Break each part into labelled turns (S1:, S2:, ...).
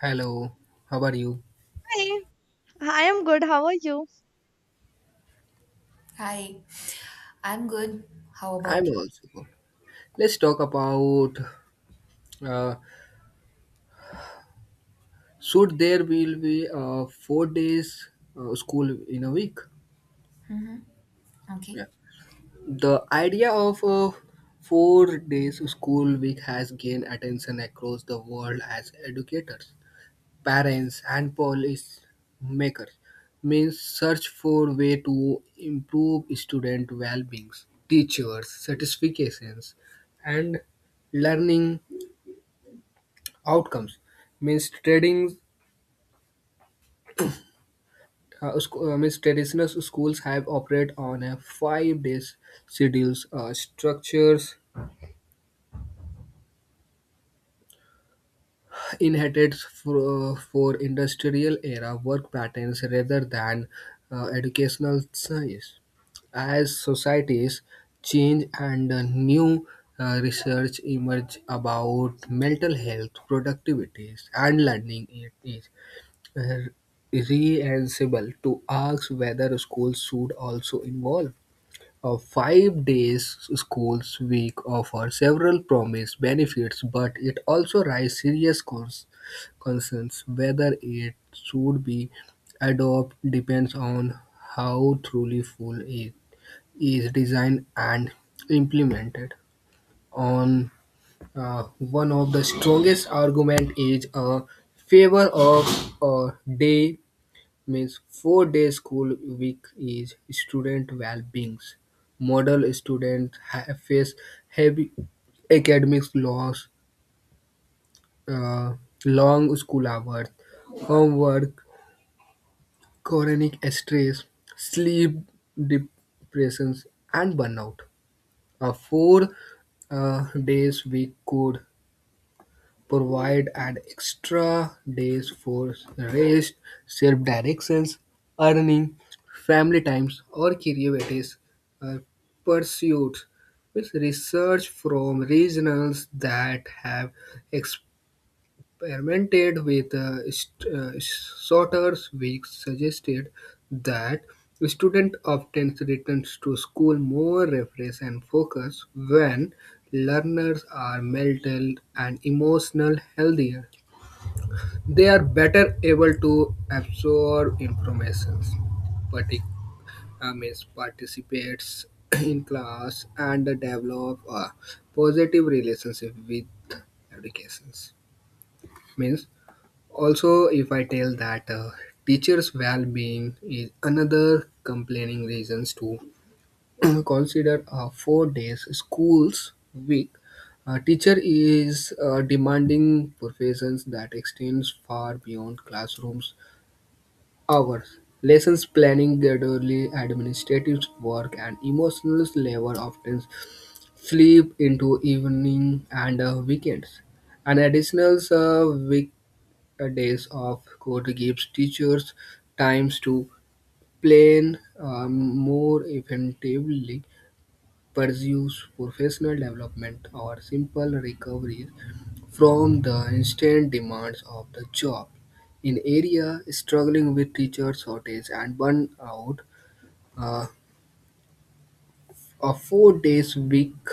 S1: Hello, how are you?
S2: Hi, I am good. How are you?
S3: Hi, I'm good. How about
S1: I'm
S3: you?
S1: also good. Let's talk about uh, should there will be 4 days school in a week?
S3: Mhm.
S1: Yeah.
S3: Okay.
S1: The idea of a 4 days school week has gained attention across the world as educators, parents, and policy makers means search for way to improve student well-being, teachers' satisfactions, and learning outcomes means trading means traditional schools have operate on a 5 days schedules structures inherited for industrial era work patterns rather than educational science as societies change and new research emerge about mental health productivities and learning it is r- reasonable to ask whether schools should also involve. A 5 days schools week offers several promised benefits, but it also raises serious concerns. Whether it should be adopted depends on how truly full it is designed and implemented. On One of the strongest argument is a favor of a day means 4 day school week is student well-beings. Model students face heavy academic loss, uh, long school hours, homework, chronic stress, sleep depressions, and burnout. A four days week could provide an extra days for rest, self-directions, earning, family times, or creative uh, pursuits, with research from regionals that have experimented with shorter weeks suggested that students often return to school more refreshed and focused when learners are mental and emotional healthier. They are better able to absorb information, partic- means participates in class and develop a positive relationship with educations means also, if I tell that teachers' well-being is another complaining reasons to consider a 4 days schools week. A teacher is demanding professions that extends far beyond classrooms hours. Lessons planning, gradually administrative work, and emotional labor often slip into evening and weekends. An additional week a days off could give teachers times to plan more effectively, pursue professional development, or simple recoveries from the instant demands of the job. In area struggling with teacher shortage and burnout, uh, a 4 days week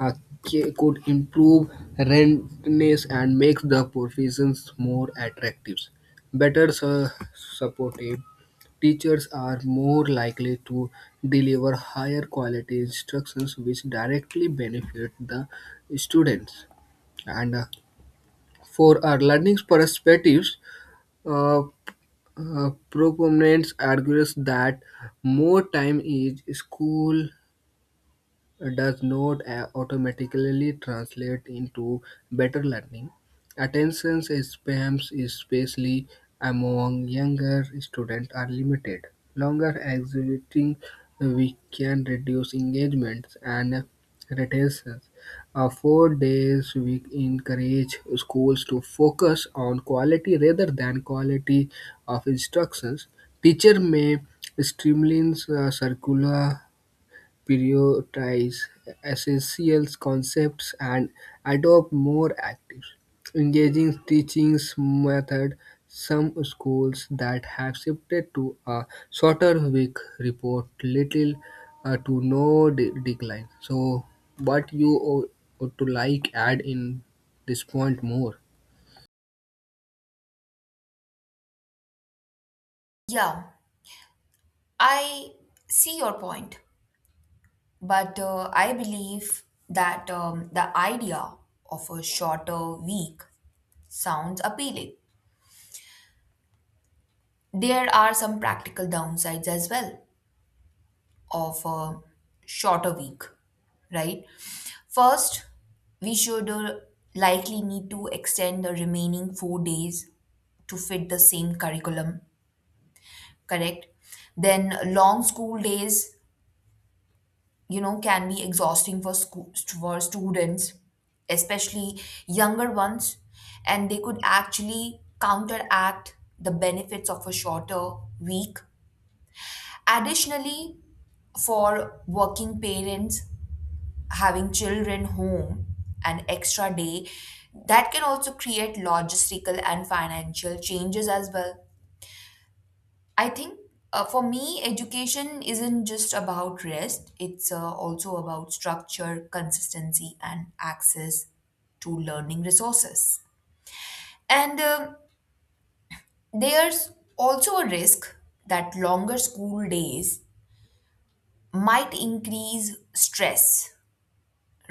S1: uh, could improve rentness and make the professions more attractive better supported. Teachers are more likely to deliver higher quality instructions which directly benefit the students. And for our learning perspectives, uh, proponents argues that more time in school does not automatically translate into better learning. Attention spans, especially among younger students, are limited. Longer exiting, we can reduce engagements and retentions. A 4 days week encourage schools to focus on quality rather than quality of instructions. Teacher may streamline circular prioritize essential concepts and adopt more active, engaging teaching method. Some schools that have shifted to a shorter week report little to no decline. So, what you ought to like add in this point more?
S3: Yeah, I see your point, but I believe that the idea of a shorter week sounds appealing. There are some practical downsides as well of a shorter week, right? First, we should likely need to extend the remaining 4 days to fit the same curriculum, correct? Then long school days, you know, can be exhausting for school, for students, especially younger ones, and they could actually counteract the benefits of a shorter week. Additionally, for working parents, having children home an extra day, that can also create logistical and financial changes as well. I think for me, education isn't just about rest, it's also about structure, consistency, and access to learning resources. And there's also a risk that longer school days might increase stress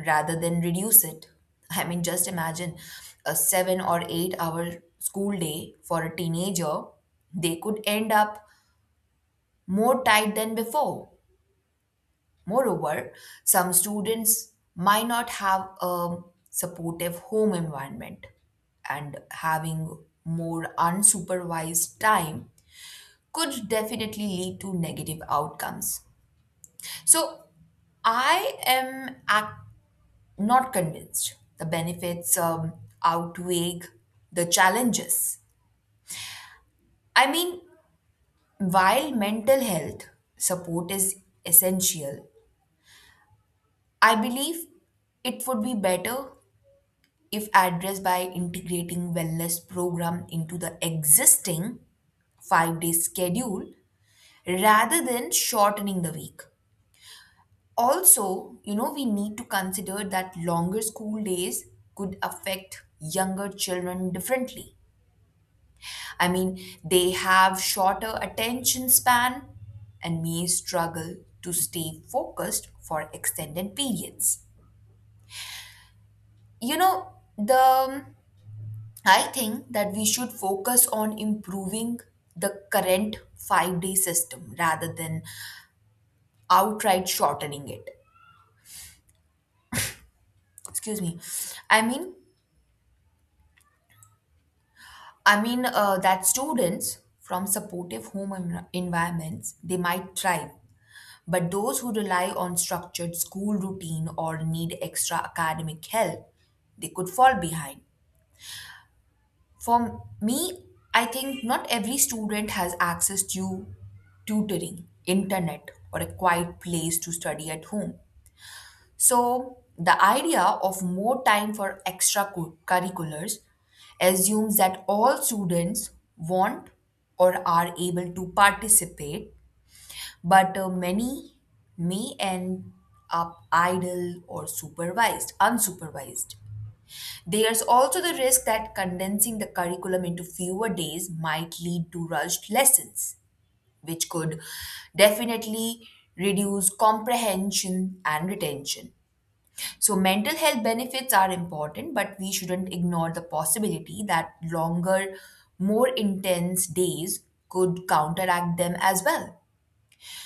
S3: rather than reduce it. I mean, just imagine a 7 or 8 hour school day for a teenager, they could end up more tight than before. Moreover, some students might not have a supportive home environment, and having more unsupervised time could definitely lead to negative outcomes. So, I am ac- not convinced the benefits outweigh the challenges. I mean, while mental health support is essential, I believe it would be better if addressed by integrating wellness program into the existing 5-day schedule rather than shortening the week. Also, you know, we need to consider that longer school days could affect younger children differently. I mean, they have shorter attention span and may struggle to stay focused for extended periods, you know the I think that we should focus on improving the current 5 day system rather than outright shortening it. Excuse me. I mean, I mean that students from supportive home environments, they might thrive, but those who rely on structured school routine or need extra academic help, they could fall behind. For me, I think not every student has access to tutoring, internet, or a quiet place to study at home. So, the idea of more time for extracurriculars assumes that all students want or are able to participate, but many may end up idle or unsupervised. There's also the risk that condensing the curriculum into fewer days might lead to rushed lessons, which could definitely reduce comprehension and retention. So, mental health benefits are important, but we shouldn't ignore the possibility that longer, more intense days could counteract them as well.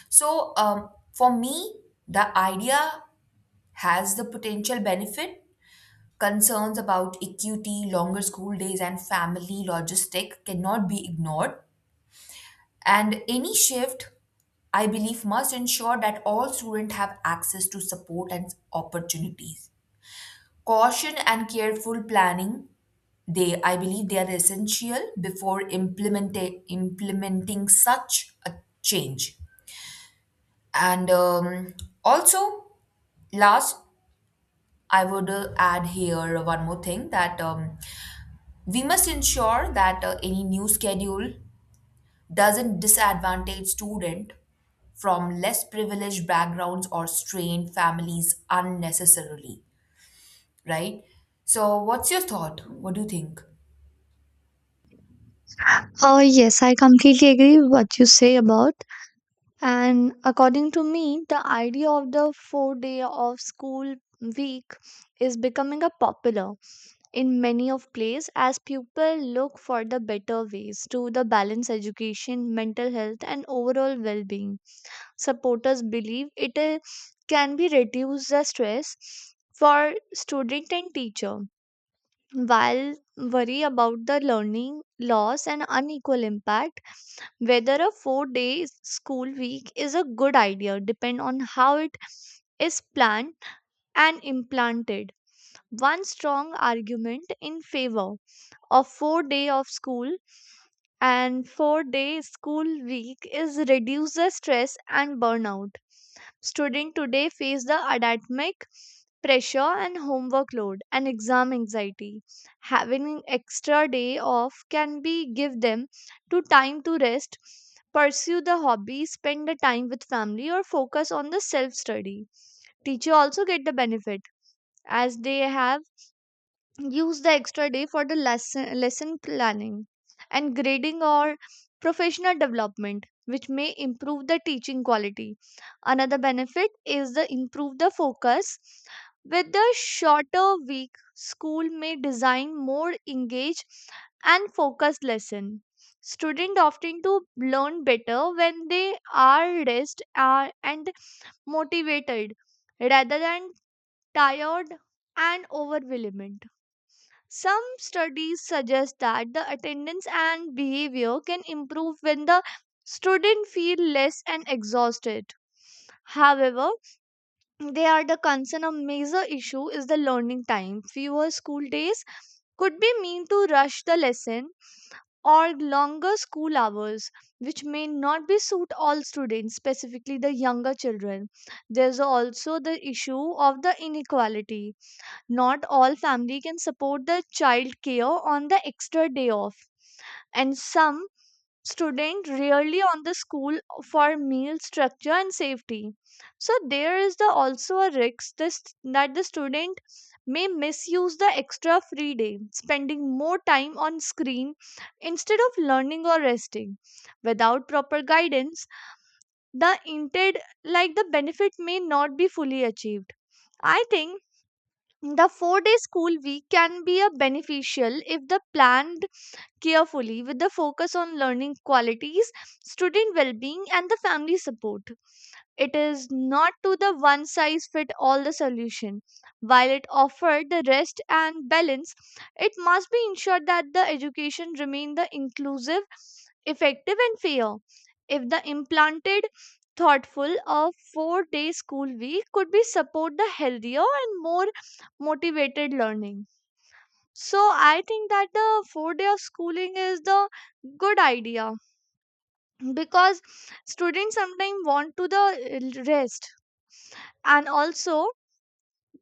S3: So, for me, the idea has the potential benefit. Concerns about equity, longer school days, and family logistic cannot be ignored. And any shift, I believe, must ensure that all students have access to support and opportunities. Caution and careful planning, they, I believe, they are essential before implementing such a change. And also, last, I would add here one more thing that we must ensure that any new schedule doesn't disadvantage student from less privileged backgrounds or strained families unnecessarily, right? So, what's your thought? What do you think?
S2: Yes, I completely agree with what you say about. And according to me, the idea of the 4-day of school week is becoming a popular in many of places as people look for the better ways to the balance education, mental health, and overall well-being. Supporters believe it can be reduce the stress for student and teacher while worry about the learning loss and unequal impact, whether a 4-day school week is a good idea depend on how it is planned and implanted. One strong argument in favor of 4-day of school and 4-day school week is reduce the stress and burnout. Students today face the academic pressure and homework load and exam anxiety. Having an extra day off can be give them to time to rest, pursue the hobby, spend the time with family or focus on the self study. Teacher also get the benefit as they have use the extra day for the lesson planning and grading or professional development which may improve the teaching quality. Another benefit is the improve the focus. With the shorter week school may design more engaged and focused lesson, students often to learn better when they are rest are and motivated rather than tired and overwhelmed. Some studies suggest that the attendance and behavior can improve when the student feel less and exhausted. However, they are the concern, a major issue is the learning time. Fewer school days could be mean to rush the lesson or longer school hours which may not be suit all students specifically the younger children. There's also the issue of the inequality, not all family can support the child care on the extra day off and some student rarely on the school for meal structure and safety. So there is the also a risk this, that the student may misuse the extra free day, spending more time on screen instead of learning or resting. Without proper guidance, the intended like the benefit may not be fully achieved. I think the 4-day school week can be a beneficial if the planned carefully with the focus on learning qualities, student well being, and the family support. It is not to the one size fit all the solution, while it offered the rest and balance it must be ensured that the education remain the inclusive, effective and fair. If the implanted thoughtful, a 4-day school week could be support the healthier and more motivated learning. So I think that the 4-day of schooling is the good idea because students sometimes want to the rest, and also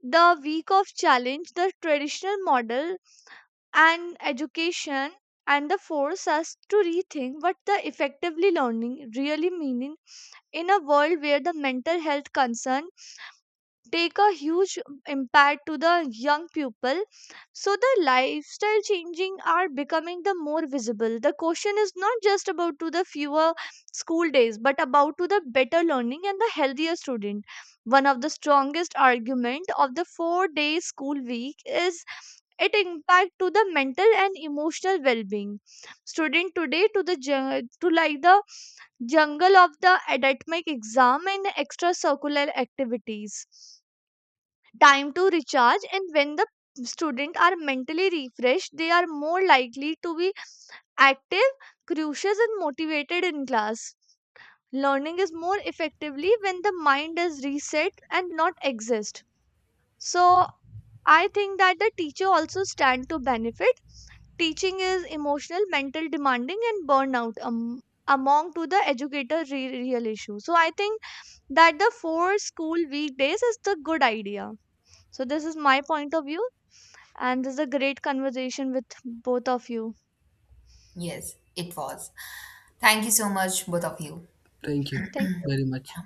S2: the week of challenge the traditional model and education and the force us to rethink what the effectively learning really meaning in a world where the mental health concern take a huge impact to the young people. So the lifestyle changing are becoming the more visible, the question is not just about to the fewer school days but about to the better learning and the healthier student. One of the strongest argument of the 4-day school week is it impact to the mental and emotional well-being. Student today to the to like the jungle of the academic exam and extracurricular activities, time to recharge, and when the student are mentally refreshed they are more likely to be active, curious and motivated in class. Learning is more effectively when the mind is reset and not exist. So I think that the teacher also stand to benefit. Teaching is emotional mental demanding and burnout among to the educator real issue. So I think that the four school weekdays is the good idea. So this is my point of view, and this is a great conversation with both of you.
S3: Yes, it was. Thank you so much, both of you.
S1: Thank you
S2: Thank you.
S1: very much.